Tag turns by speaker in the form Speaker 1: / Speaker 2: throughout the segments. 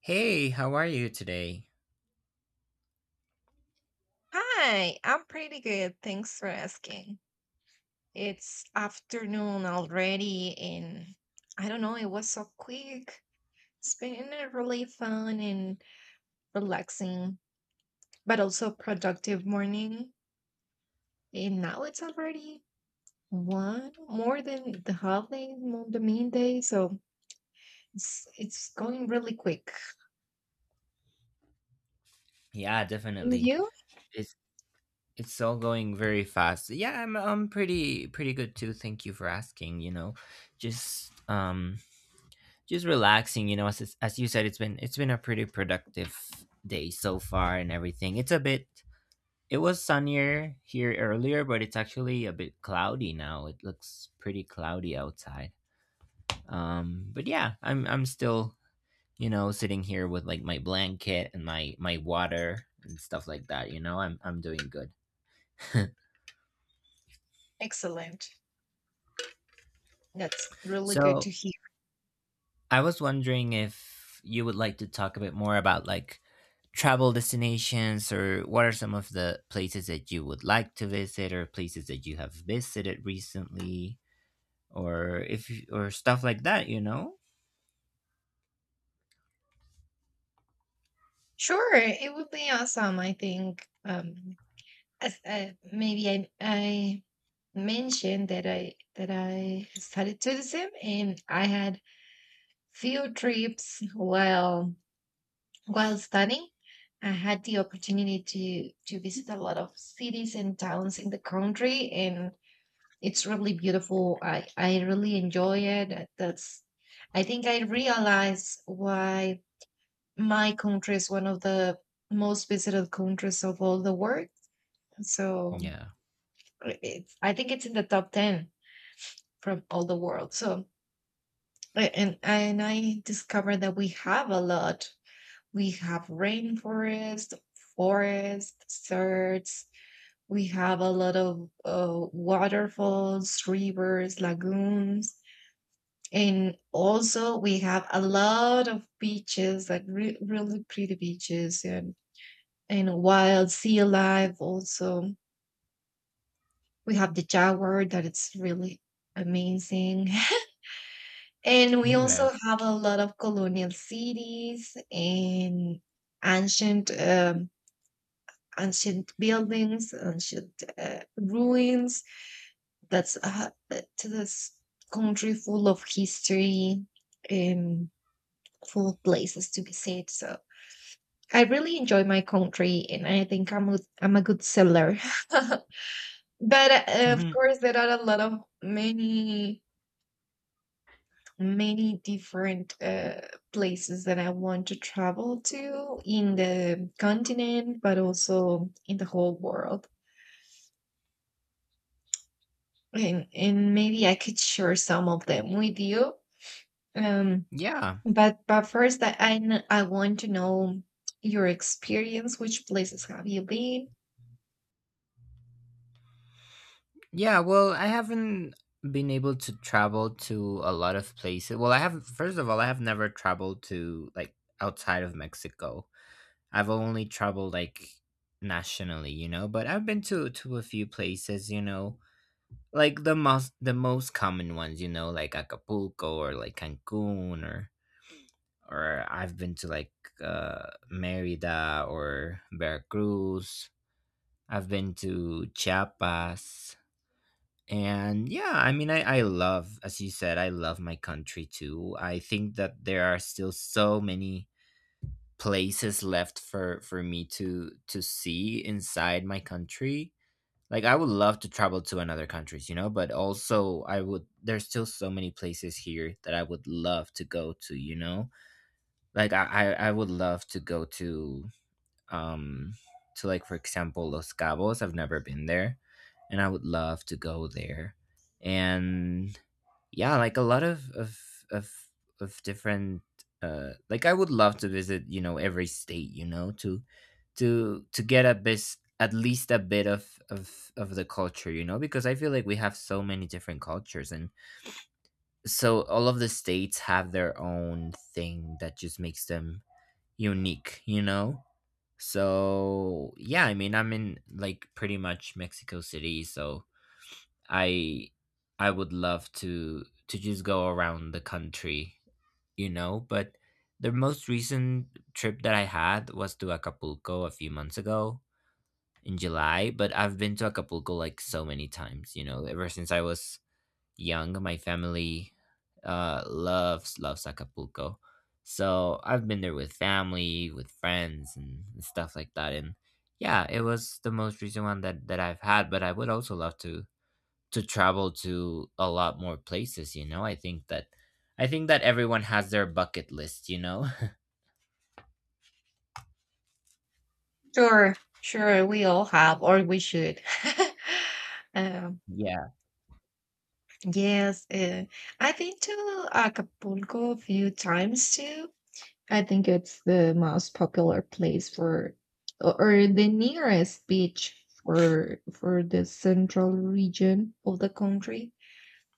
Speaker 1: Hey, how are you today?
Speaker 2: Hi, I'm pretty good. Thanks for asking. It's afternoon already, and I don't know, it was so quick. It's been a really fun and relaxing, but also productive morning. And now it's already one more than the holiday, more the main day, so it's going really quick.
Speaker 1: Yeah,
Speaker 2: And
Speaker 1: definitely.
Speaker 2: you?
Speaker 1: It's it's all going very fast. Yeah, I'm pretty good too. Thank you for asking. Just um just relaxing, you know, as you said it's been a pretty productive day so far and everything. It's a bit It was sunnier here earlier, but it's actually a bit cloudy now. It looks pretty cloudy outside. But yeah, I'm still sitting here with like my blanket and my water and stuff like that. I'm doing good.
Speaker 2: Excellent. That's really good to
Speaker 1: So
Speaker 2: hear.
Speaker 1: I was wondering if you would like to talk a bit more about like travel destinations, or what are some of the places that you would like to visit, or places that you have visited recently, or if or stuff like that.
Speaker 2: Sure, it would be awesome, I think. Maybe I mentioned that I studied tourism and I had few trips while studying. I had the opportunity to visit a lot of cities and towns in the country, and it's really beautiful. I really enjoy it. That's I think I realize why my country is one of the most visited countries of all the world. So
Speaker 1: Yeah.
Speaker 2: it's, I think it's in the top 10 from all the world. So, and I discovered that we have a lot. We have rainforest, forest, deserts. We have a lot of waterfalls, rivers, lagoons. And also, we have a lot of beaches, like really pretty beaches, and wild sea life. Also, we have the jaguar that it's really amazing. And we
Speaker 1: Yeah.
Speaker 2: also have a lot of colonial cities and ancient ancient buildings, ancient ruins. That's to this country full of history and full of places to visit. So I really enjoy my country, and I think I'm I'm a good seller. But of
Speaker 1: Mhm.
Speaker 2: course, there are a lot of many many different places that I want to travel to in the continent, but also in the whole world. And maybe I could share some of them with you. Um,
Speaker 1: Yeah.
Speaker 2: but first, I want to know your experience. Which places have you been?
Speaker 1: Yeah. Well, I haven't been able to travel to a lot of places. First of all, I have never traveled to like outside of Mexico. I've only traveled like nationally, you know, but I've been to a few places, you know, like the most common ones, you know, like Acapulco, or like Cancun, or I've been to like Merida or Veracruz. I've been to Chiapas. And yeah, I mean, I love, as you said, I love my country too. I think that there are still so many places left for me to see inside my country. Like, I would love to travel to another countries, you know, but also there's still so many places here that I would love to go to, you know? Like, I would love to go um to like for example Los Cabos. I've never been there and I would love to go there. And yeah, like a lot of of different like I would love to visit, you know, every state, you know, to get a bit at least a bit of the culture, you know, because I feel like we have so many different cultures and so all of the states have their own thing that just makes them unique, you know? So yeah, I mean, I'm in like pretty much Mexico City, so I I would love to just go around the country, you know, but the most recent trip that I had was to Acapulco a few months ago, in July, but I've been to Acapulco like so many times, you know, ever since I was young. My family loves Acapulco, so I've been there with family, with friends, and stuff like that. And yeah, it was the most recent one that I've had. But I would also love to travel to a lot more places. You know, I think that everyone has their bucket list. You know.
Speaker 2: Sure, sure, we all have, or we should. um,
Speaker 1: Yeah.
Speaker 2: yes, uh, I've been to Acapulco a few times too. I think it's the most popular place for or the nearest beach for the central region of the country.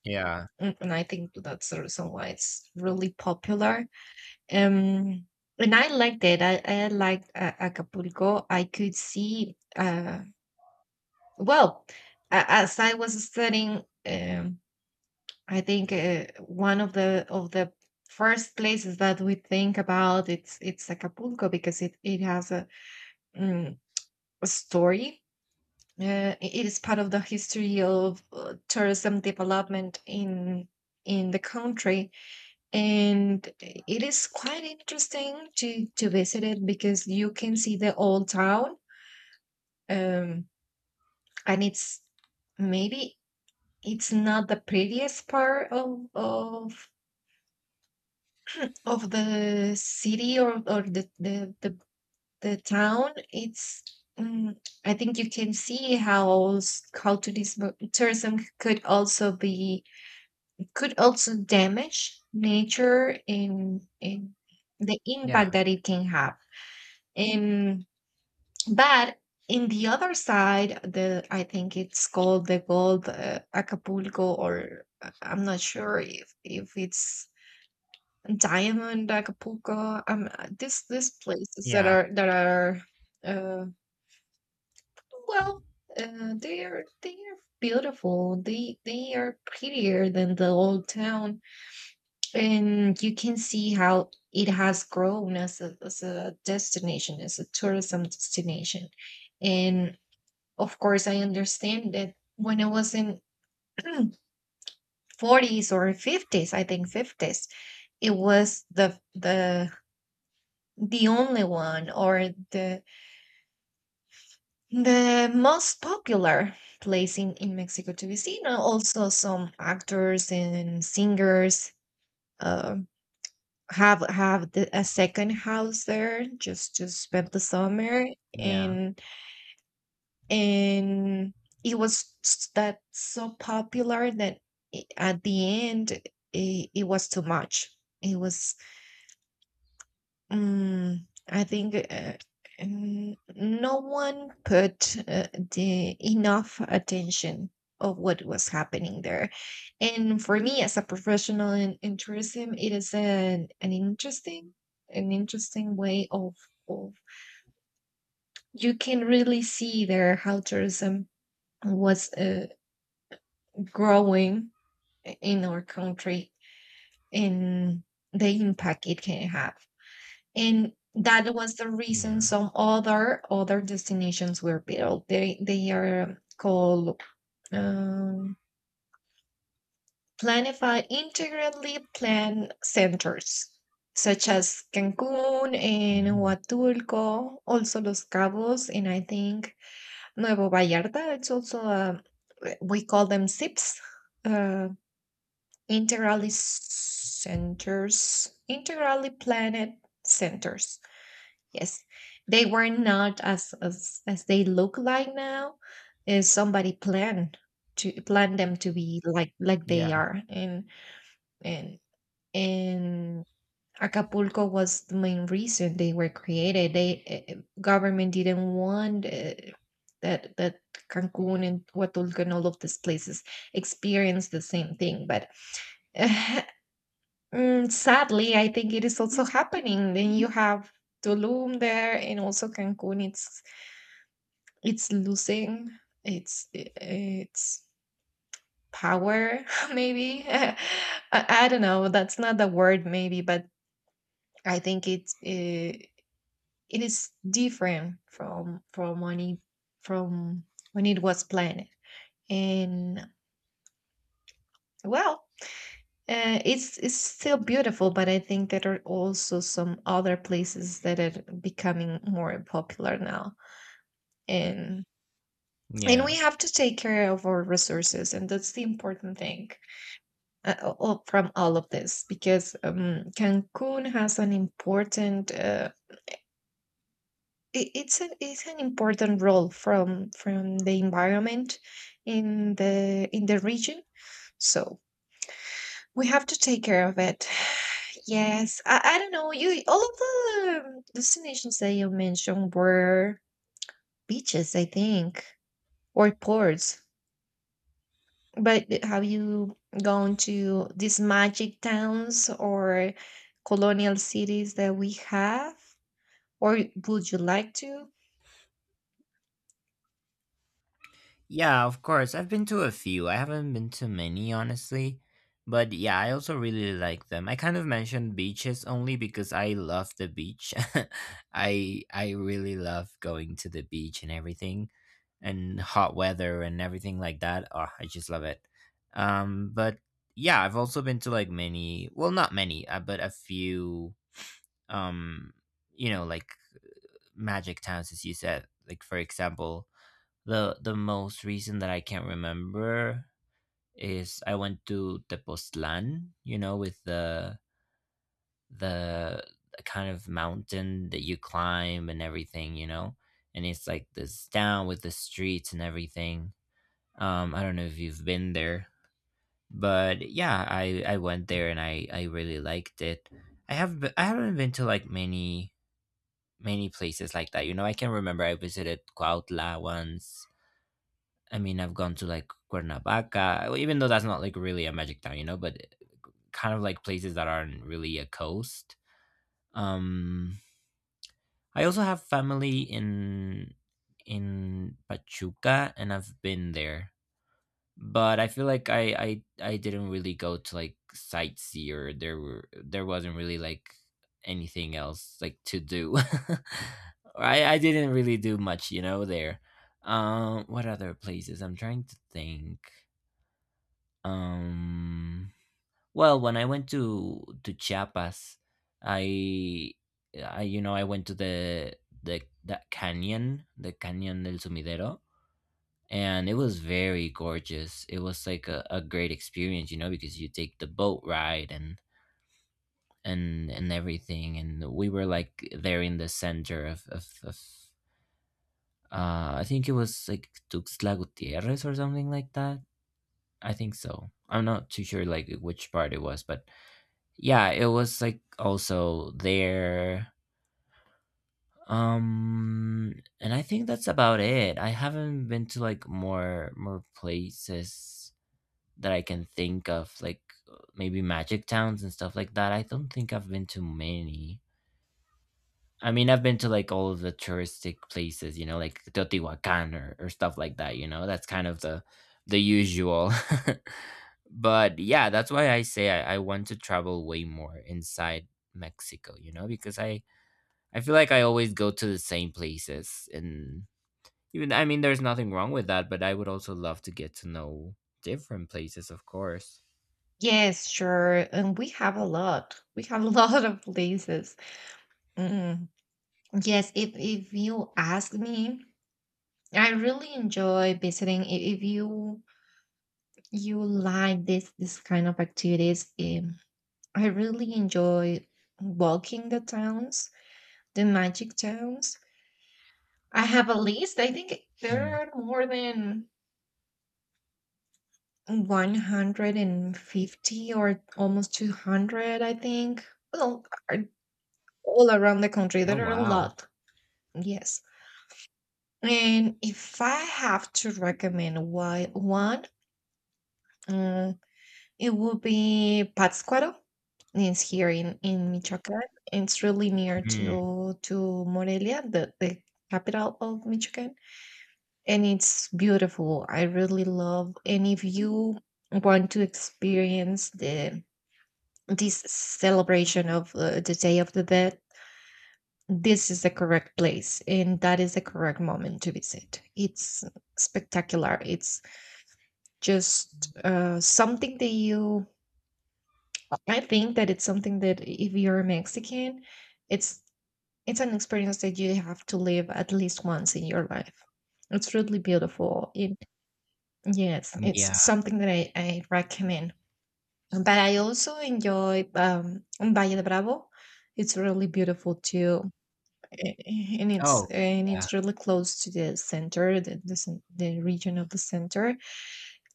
Speaker 1: Yeah.
Speaker 2: And I think that's the reason why it's really popular. Um and I liked it. I liked Acapulco. I could see well as I was studying. I think one of the first places that we think about it's Acapulco because it has a mm, story. It is part of the history of tourism development in the country, and it is quite interesting to visit it because you can see the old town, um, and it's maybe it's not the prettiest part of the city or the town. It's mm, I think you can see how tourism could also be could also damage nature in the
Speaker 1: Yeah.
Speaker 2: impact that it can have. And but in the other side, the, I think it's called the gold, Acapulco, or, I'm not sure if it's diamond Acapulco, this, these places that
Speaker 1: Yeah.
Speaker 2: are that are, uh, well, they're beautiful. They are prettier than the old town, and you can see how it has grown as a destination, as a tourism destination. And of course, I understand that when I was in 40s or 50s, I think 50s, it was the only one or the most popular place in Mexico to be seen. And also, some actors and singers uh, have the, a second house there just to spend the summer,
Speaker 1: Yeah.
Speaker 2: and and it was that so popular that, at the end it, it was too much. It was, I think, no one put the enough attention of what was happening there. And for me, as a professional in tourism, it is an interesting way of, you can really see there how tourism was growing in our country and the impact it can have. And that was the reason
Speaker 1: Yeah.
Speaker 2: some other other destinations were built. They are called, um, planify integrally planned centers, such as Cancun and
Speaker 1: Mm.
Speaker 2: Huatulco, also Los Cabos, and I think Nuevo Vallarta. It's also a, we call them SIPs, uh, integrally centers, integrally planned centers. Yes, they were not as as they look like now. Is somebody planned to plan them to be like they
Speaker 1: Yeah.
Speaker 2: are, and and Acapulco was the main reason they were created. They, government didn't want, that that Cancun and Huatulco and all of these places experience the same thing, but. Sadly, I think it is also happening. Then you have Tulum there and also Cancun. It's losing its power. Maybe, I don't know, that's not the word maybe, but I think it is different from when it was planned. And well, it's still beautiful, but I think there are also some other places that are becoming more popular now. and and
Speaker 1: Yeah.
Speaker 2: we have to take care of our resources, and that's the important thing, from all of this, because Cancun has an important, it's an important role from the environment in the region. So we have to take care of it. Yes, I don't know. You, all of the destinations that you mentioned were beaches, I think, or ports. But have you gone to these magic towns or colonial cities that we have? Or would you like to?
Speaker 1: Yeah, of course. I've been to a few. I haven't been to many, honestly. But yeah, I also really like them. I kind of mentioned beaches only because I love the beach. I really love going to the beach and everything, and hot weather and everything like that. Oh, I just love it. But yeah, I've also been to like many, well, not many, but a few, um, you know, like magic towns, as you said. Like for example, the most recent that I can't remember is I went to Tepoztlan, you know, with the kind of mountain that you climb and everything, you know, and it's like this town with the streets and everything. I don't know if you've been there, but yeah, I went there and I really liked it. I haven't been to like many places like that. You know, I can remember I visited Cuautla once. I mean, I've gone to like Cuernavaca, well, even though that's not like really a magic town, you know, but kind of like places that aren't really a coast. Um, I also have family in Pachuca, and I've been there, but I feel like I didn't really go to like sightsee, or there wasn't really like anything else like to do. Or I didn't really do much, you know, there. What other places? I'm trying to think. Um, well, when I went to Chiapas, I, I, you know, I went to the that canyon, the Canyon del Sumidero, and it was very gorgeous. It was like a great experience, you know, because you take the boat ride and and everything, and we were like there in the center of I think it was like Tuxtla Gutierrez or something like that. I think so. I'm not too sure like which part it was, but yeah, it was like also there. um and I think that's about it. I haven't been to like more places that I can think of, like maybe magic towns and stuff like that. I don't think I've been to many. I mean, I've been to like all of the touristic places, you know, like Teotihuacan, or stuff like that, you know. That's kind of the usual. But yeah, that's why I say I want to travel way more inside Mexico, you know, because I feel like I always go to the same places, and even, I mean, there's nothing wrong with that, but I would also love to get to know different places, of course.
Speaker 2: Yes, sure. And we have a lot. We have a lot of places. Mm. Yes, if you ask me, I really enjoy visiting. If you you like this kind of activities, I really enjoy walking the towns, the magic towns. I have a list. I think there
Speaker 1: Mm.
Speaker 2: are more than 150 or almost 200, I think. Well, a- all around the country,
Speaker 1: Oh
Speaker 2: there are a
Speaker 1: wow.
Speaker 2: lot. Yes. And if I have to recommend why one, uh, it would be Pátzcuaro. It's here in Michoacán. It's really near
Speaker 1: Mm.
Speaker 2: to Morelia, the capital of Michoacán. And it's beautiful. I really love. And if you want to experience the this celebration of the Day of the Dead, this is the correct place, and that is the correct moment to visit. It's spectacular. It's just something that you. I think that it's something that if you're a Mexican, it's it's an experience that you have to live at least once in your life. It's really beautiful. Yes,
Speaker 1: Yeah.
Speaker 2: it's something that I recommend. But I also enjoy Valle de Bravo. It's really beautiful too,
Speaker 1: Oh,
Speaker 2: and
Speaker 1: yeah.
Speaker 2: it's really close to the center, the region of the center.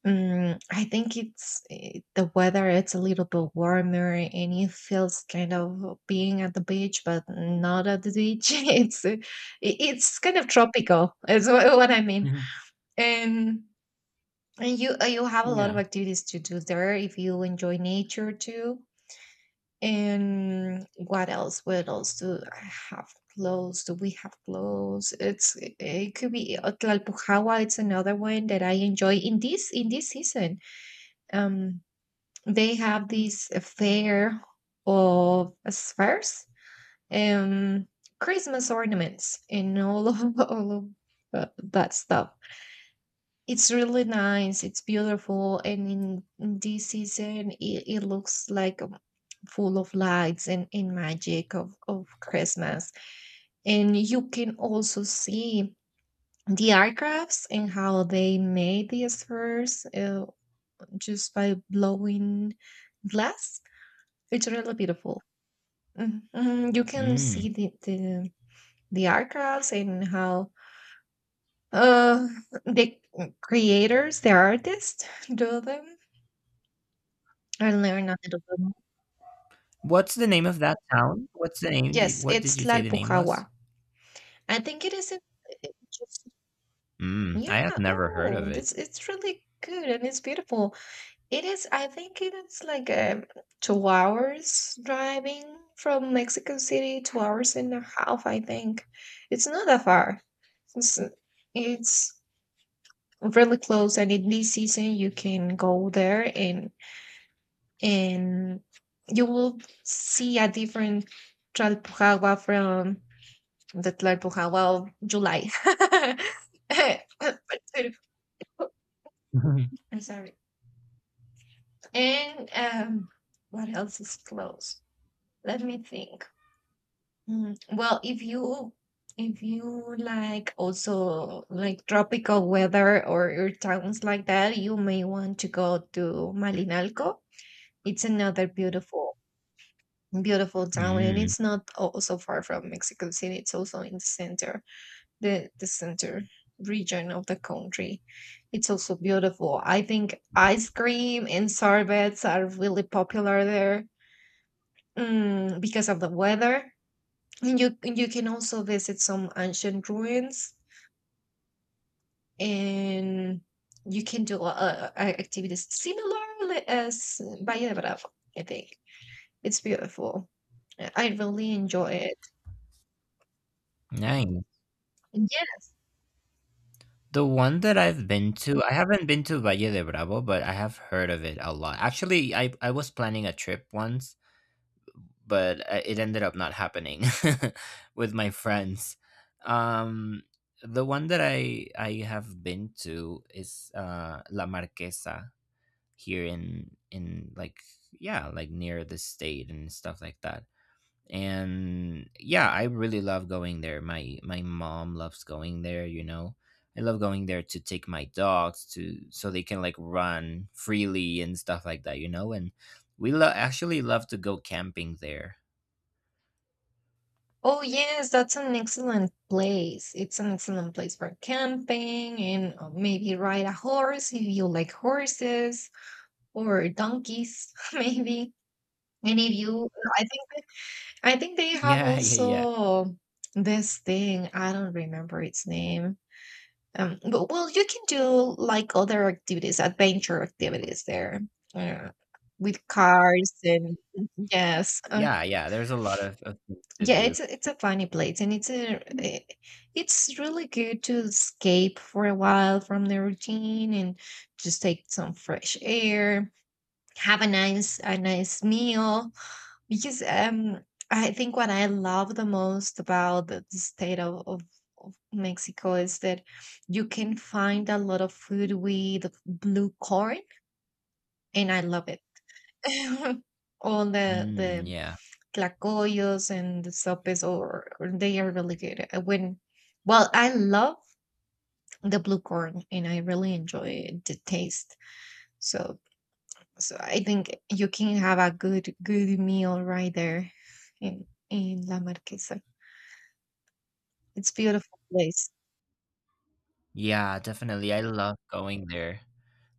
Speaker 2: I think it's the weather. It's a little bit warmer, and it feels kind of being at the beach, but not at the beach. It's, it's kind of tropical. Is what I mean, and and you, you have a lot of
Speaker 1: yeah.
Speaker 2: activities to do there if you enjoy nature too. And what else? What else do I have close? Do we have close? It could be, Tlalpujahua. It's another one that I enjoy in this season. Um, they have this fair of spheres and Christmas ornaments and all of all of, uh, that stuff. It's really nice. It's beautiful, and in this season, it looks like, full of lights and magic of Christmas. And you can also see the aircrafts and how they made the spheres, just by blowing glass. It's really beautiful. Mhm. Mhm. You can
Speaker 1: Mm.
Speaker 2: see the aircrafts and how, uh, the creators, the artists, do them. I learned a little bit more.
Speaker 1: What's the name of that town? What's the name?
Speaker 2: Yes,
Speaker 1: What did
Speaker 2: it's
Speaker 1: you say the name was?
Speaker 2: Tlalpujahua. I think it is in it just
Speaker 1: Mm. I have
Speaker 2: yeah,
Speaker 1: never heard of
Speaker 2: oh,
Speaker 1: it.
Speaker 2: this it's really good and it's beautiful. It is, I think it is like, two hours driving from Mexico City, two hours and a half, I think. It's not that far. It's it's really close, and in this season you can go there and you will see a different Tlalpujahua from that Liverpool, well, July. I'm sorry. And what else is close? Let me think. Well, if you like also like tropical weather or your towns like that, you may want to go to Malinalco. It's another beautiful town, and
Speaker 1: mm.
Speaker 2: it's not also far from Mexico City. It's also in the center, the center region of the country. It's also beautiful. I think ice cream and sorbets are really popular there, because of the weather. And you can also visit some ancient ruins, and you can do activities similar as Valle de Bravo. I think it's beautiful. I really enjoy
Speaker 1: Nice.
Speaker 2: it.
Speaker 1: The one that I've been to, I haven't been to Valle de Bravo, but I have heard of it a lot. Actually, I was planning a trip once, but it ended up not happening with my friends. Um, the one that I have been to is La Marquesa, here in like yeah, like near the state and stuff like that. And yeah, I really love going there. My mom loves going there. You know, I love going there to take my dogs to, so they can like run freely and stuff like that. You know, and actually love to go camping there.
Speaker 2: Oh, yes, that's an excellent place. It's an excellent place for camping and maybe ride a horse if you like horses or donkeys, maybe. And if you, I think, I think they have
Speaker 1: Yeah, yeah, yeah.
Speaker 2: also this thing. I don't remember its name. You can do like other activities, adventure activities there, uh, with cars and yes,
Speaker 1: Yeah, yeah, there's a lot of things to
Speaker 2: yeah,
Speaker 1: do.
Speaker 2: it's a funny place, and eh, it's really good to escape for a while from the routine and just take some fresh air, have a nice meal. Because I think what I love the most about the state of Mexico is that you can find a lot of food with blue corn, and I love it. All the
Speaker 1: Mm,
Speaker 2: the
Speaker 1: yeah.
Speaker 2: tlacoyos and the sopes, or they are really good. I love the blue corn and I really enjoy the taste. So, so I think you can have a good meal right there in La Marquesa. It's beautiful place.
Speaker 1: Yeah, definitely. I love going there.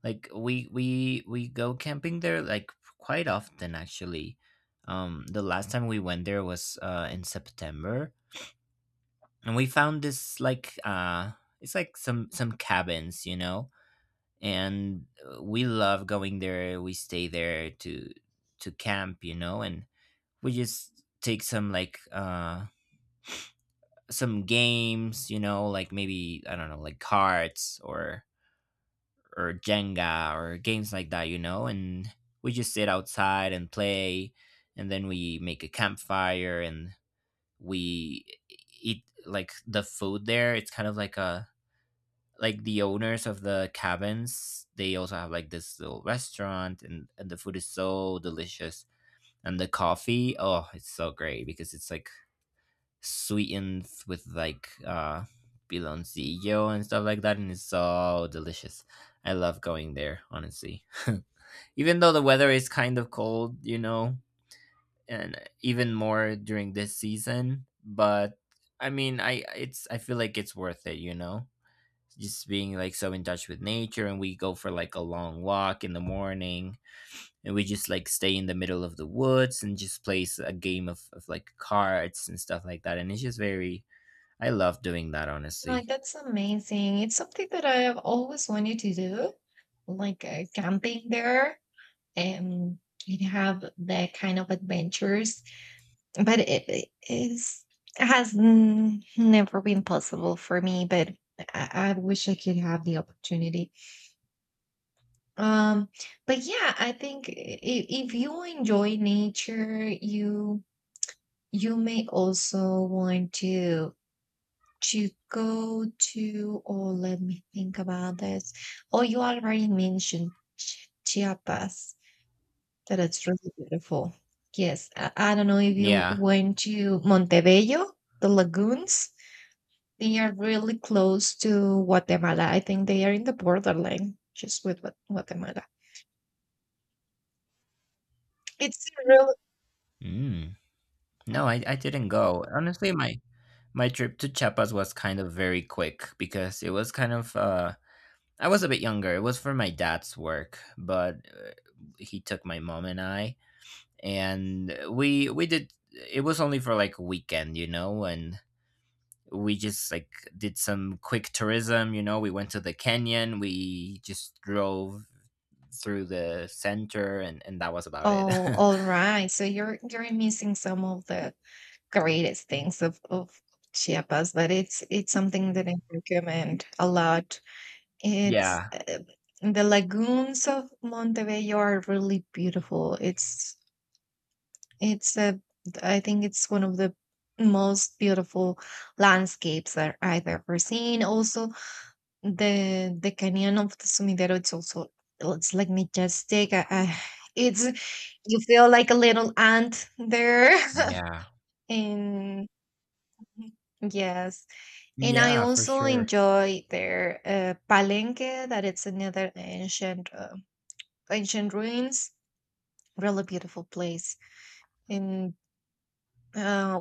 Speaker 1: Like we go camping there like quite often actually. Um, the last time we went there was in September, and we found this like it's like some cabins, you know. And we love going there. We stay there to camp, you know, and we just take some like some games, you know, like maybe, I don't know, like cards or Jenga or games like that, you know, and we just sit outside and play, and then we make a campfire, and eat like the food there. It's kind of like a like the owners of the cabins, they also have like this little restaurant, and the food is so delicious. And the coffee, oh, it's so great because it's like sweetened with like piloncillo and stuff like that, and it's so delicious. I love going there, honestly. Even though the weather is kind of cold, you know, and even more during this season, but I mean, I it's, I feel like it's worth it, you know, just being like so in touch with nature, and we go for like a long walk in the morning, and we just like stay in the middle of the woods and just plays a game of like cards and stuff like that, and it's just very, I love doing that, honestly.
Speaker 2: Like that's amazing. It's something that I have always wanted to do, like camping there and you have that kind of adventures but it is it has never been possible for me, but I wish I could have the opportunity. um but yeah, I think if you enjoy nature you you may also want to go to, or let me think about this. Oh, you already mentioned chiapas, that it's really beautiful. Yes, I don't know if you
Speaker 1: Yeah.
Speaker 2: went to montebello, the lagoons. They are really close to Guatemala. I think they are in the borderline just with Guatemala. It's a real
Speaker 1: Mm. No, I didn't go. Honestly, my trip to Chiapas was kind of very quick because it was kind of I was a bit younger. It was for my dad's work, but he took my mom and I, and we did, it was only for like a weekend, you know, and we just like did some quick tourism, you know. We went to the canyon, we just drove through the center, and that was about it.
Speaker 2: Oh, all right. So you're missing some of the greatest things of Chiapas, but it's something that I recommend a lot. It's
Speaker 1: Yeah.
Speaker 2: The lagoons of Montebello are really beautiful. It's a I think it's one of the most beautiful landscapes that I've ever seen. Also, the canyon of the Sumidero, it's also it's like majestic. I, it's You feel like a little ant there,
Speaker 1: Yeah.
Speaker 2: and yes, and I
Speaker 1: Yeah, for
Speaker 2: also
Speaker 1: sure.
Speaker 2: enjoy their Palenque, that it's another ancient ruins. Really beautiful place, and uh,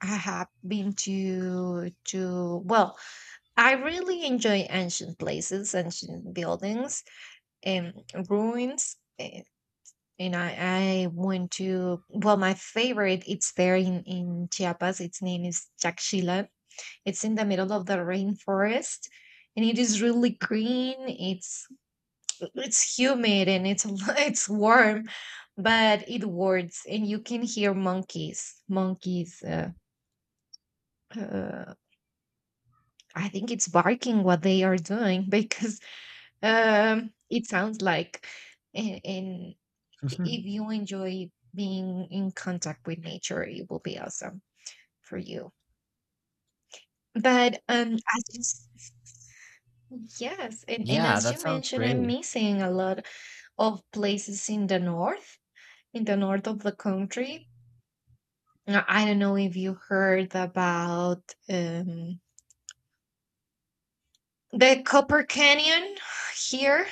Speaker 2: I have been to well, I really enjoy ancient places, ancient buildings, um, ruins. And I went to, well, my favorite, it's there in Chiapas. Its name is Chaxila. It's in the middle of the rainforest and it is really green. It's humid and it's it's warm, but it warts and you can hear monkeys. Uh, I think it's barking what they are doing, because it sounds like, and, and if you enjoy being in contact with nature, it will be awesome for you. But as you s- Yes, and
Speaker 1: Yeah,
Speaker 2: as
Speaker 1: that
Speaker 2: you
Speaker 1: sounds
Speaker 2: mentioned, I'm
Speaker 1: great.
Speaker 2: missing a lot of places in the north of the country. I don't know if you heard about um, the Copper Canyon here.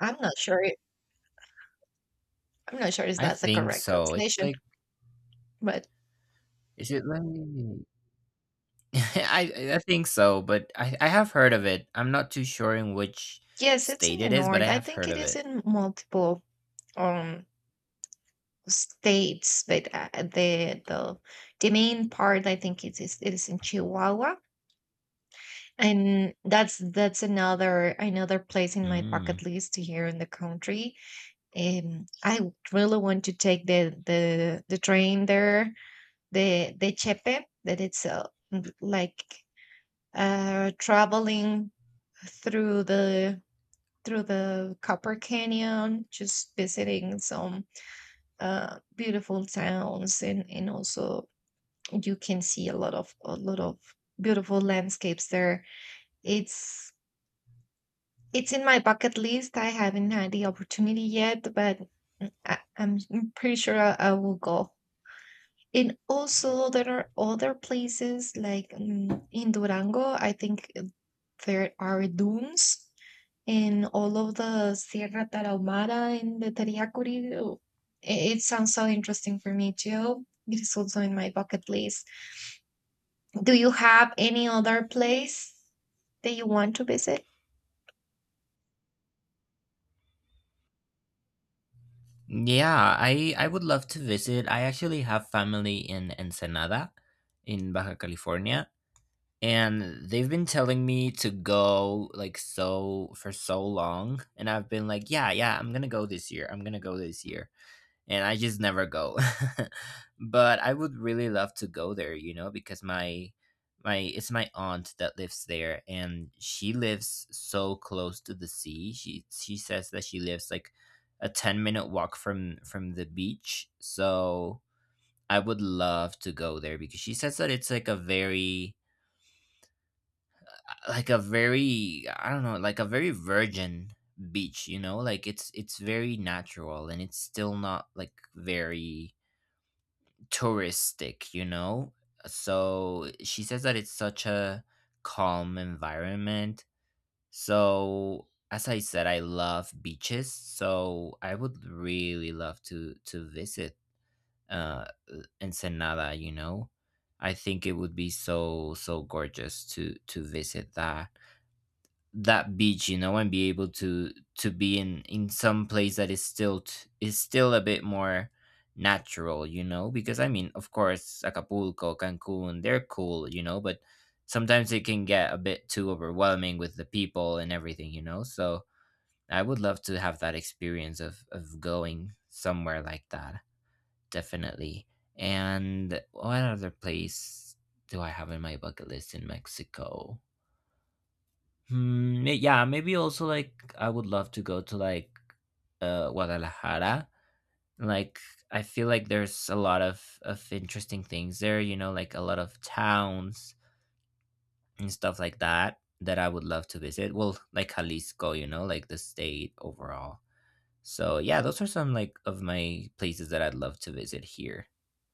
Speaker 2: I'm not sure. I'm not sure if
Speaker 1: I
Speaker 2: that's the
Speaker 1: think
Speaker 2: correct
Speaker 1: so. It's
Speaker 2: translation,
Speaker 1: like,
Speaker 2: but
Speaker 1: is it like I think so, but I have heard of it. I'm not too sure in which
Speaker 2: yes, it's in
Speaker 1: state
Speaker 2: the
Speaker 1: it is, but I
Speaker 2: north. I
Speaker 1: have
Speaker 2: think
Speaker 1: heard
Speaker 2: it
Speaker 1: of
Speaker 2: is
Speaker 1: it.
Speaker 2: in multiple um states, but the main part, I think it is in Chihuahua, and that's another place in my
Speaker 1: Mm.
Speaker 2: bucket list here in the country. I really want to take the the train there, the Chepe, that it's like traveling through the Copper Canyon, just visiting some beautiful towns and also you can see a lot of beautiful landscapes there. it's it's in my bucket list. I haven't had the opportunity yet, but I'm pretty sure I will go. And also there are other places like in durango, I think there are dunes in all of the sierra tarahumara and the tariyacuri. It sounds so interesting for me too. It is also in my bucket list. Do you have any other place that you want to visit?
Speaker 1: Yeah, I would love to visit. I actually have family in Ensenada, in Baja California, and they've been telling me to go like so for so long, and I've been like, yeah, yeah, I'm gonna go this year. I'm gonna go this year. And I just never go. But I would really love to go there, you know, because my it's my aunt that lives there, and she lives so close to the sea. She says that she lives like a 10-minute walk from the beach. So I would love to go there because she says that it's like a very like a very, I don't know, like a very virgin beach, you know? Like it's very natural, and it's still not like very touristic, you know? So she says that it's such a calm environment. So as I said, I love beaches, so I would really love to visit uh Ensenada, you know? I think it would be so so gorgeous to visit that that beach, you know, and be able to be in some place that is still is still a bit more natural, you know, because I mean, of course Acapulco, Cancun, they're cool, you know, but sometimes it can get a bit too overwhelming with the people and everything, you know. So I would love to have that experience of going somewhere like that, definitely. And what other place do I have in my bucket list in Mexico? Hmm, yeah, maybe also like I would love to go to like Guadalajara. Like I feel like there's a lot of interesting things there, you know, like a lot of towns and stuff like that that I would love to visit. Well, like Jalisco, you know, like the state overall. So, yeah, those are some like of my places that I'd love to visit here.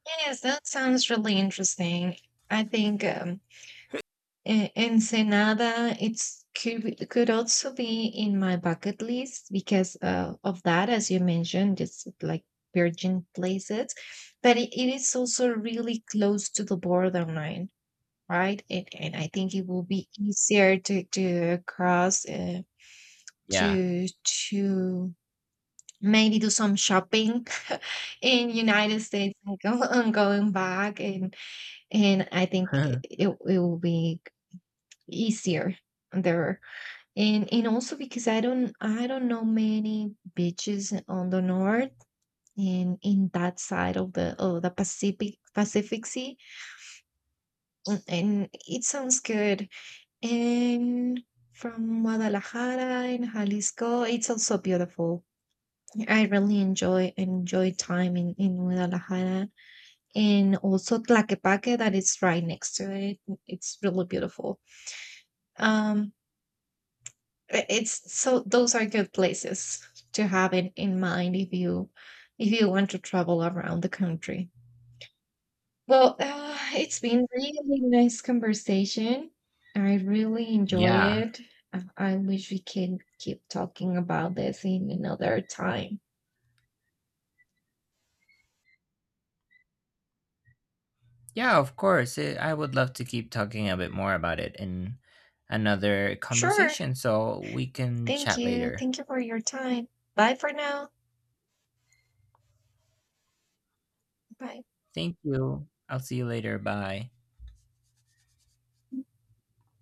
Speaker 2: Yes, that sounds really interesting. I think Ensenada could also be in my bucket list because of that, as you mentioned, it's like virgin places, but it is also really close to the borderline, right? And I think it will be easier to cross
Speaker 1: Yeah.
Speaker 2: to to maybe do some shopping in United States and, go, and going back, and I think it will be easier there. And also because I don't know many beaches on the north and in that side of the Pacific Sea, and it sounds good. And from Guadalajara in Jalisco, it's also beautiful. I really enjoy time in Guadalajara, and also Tlaquepaque, that is right next to it. It's really beautiful. Um I- it's So those are good places to have in mind if you want to travel around the country. Well, it's been really nice conversation. I really enjoy
Speaker 1: yeah.
Speaker 2: it. I wish we can keep talking about this in another time.
Speaker 1: Yeah, of course. I would love to keep talking a bit more about it in another
Speaker 2: Sure.
Speaker 1: conversation, so we can
Speaker 2: Thank
Speaker 1: chat
Speaker 2: you.
Speaker 1: later.
Speaker 2: Thank you for your time. Bye for now. Bye.
Speaker 1: Thank you. I'll see you later. Bye.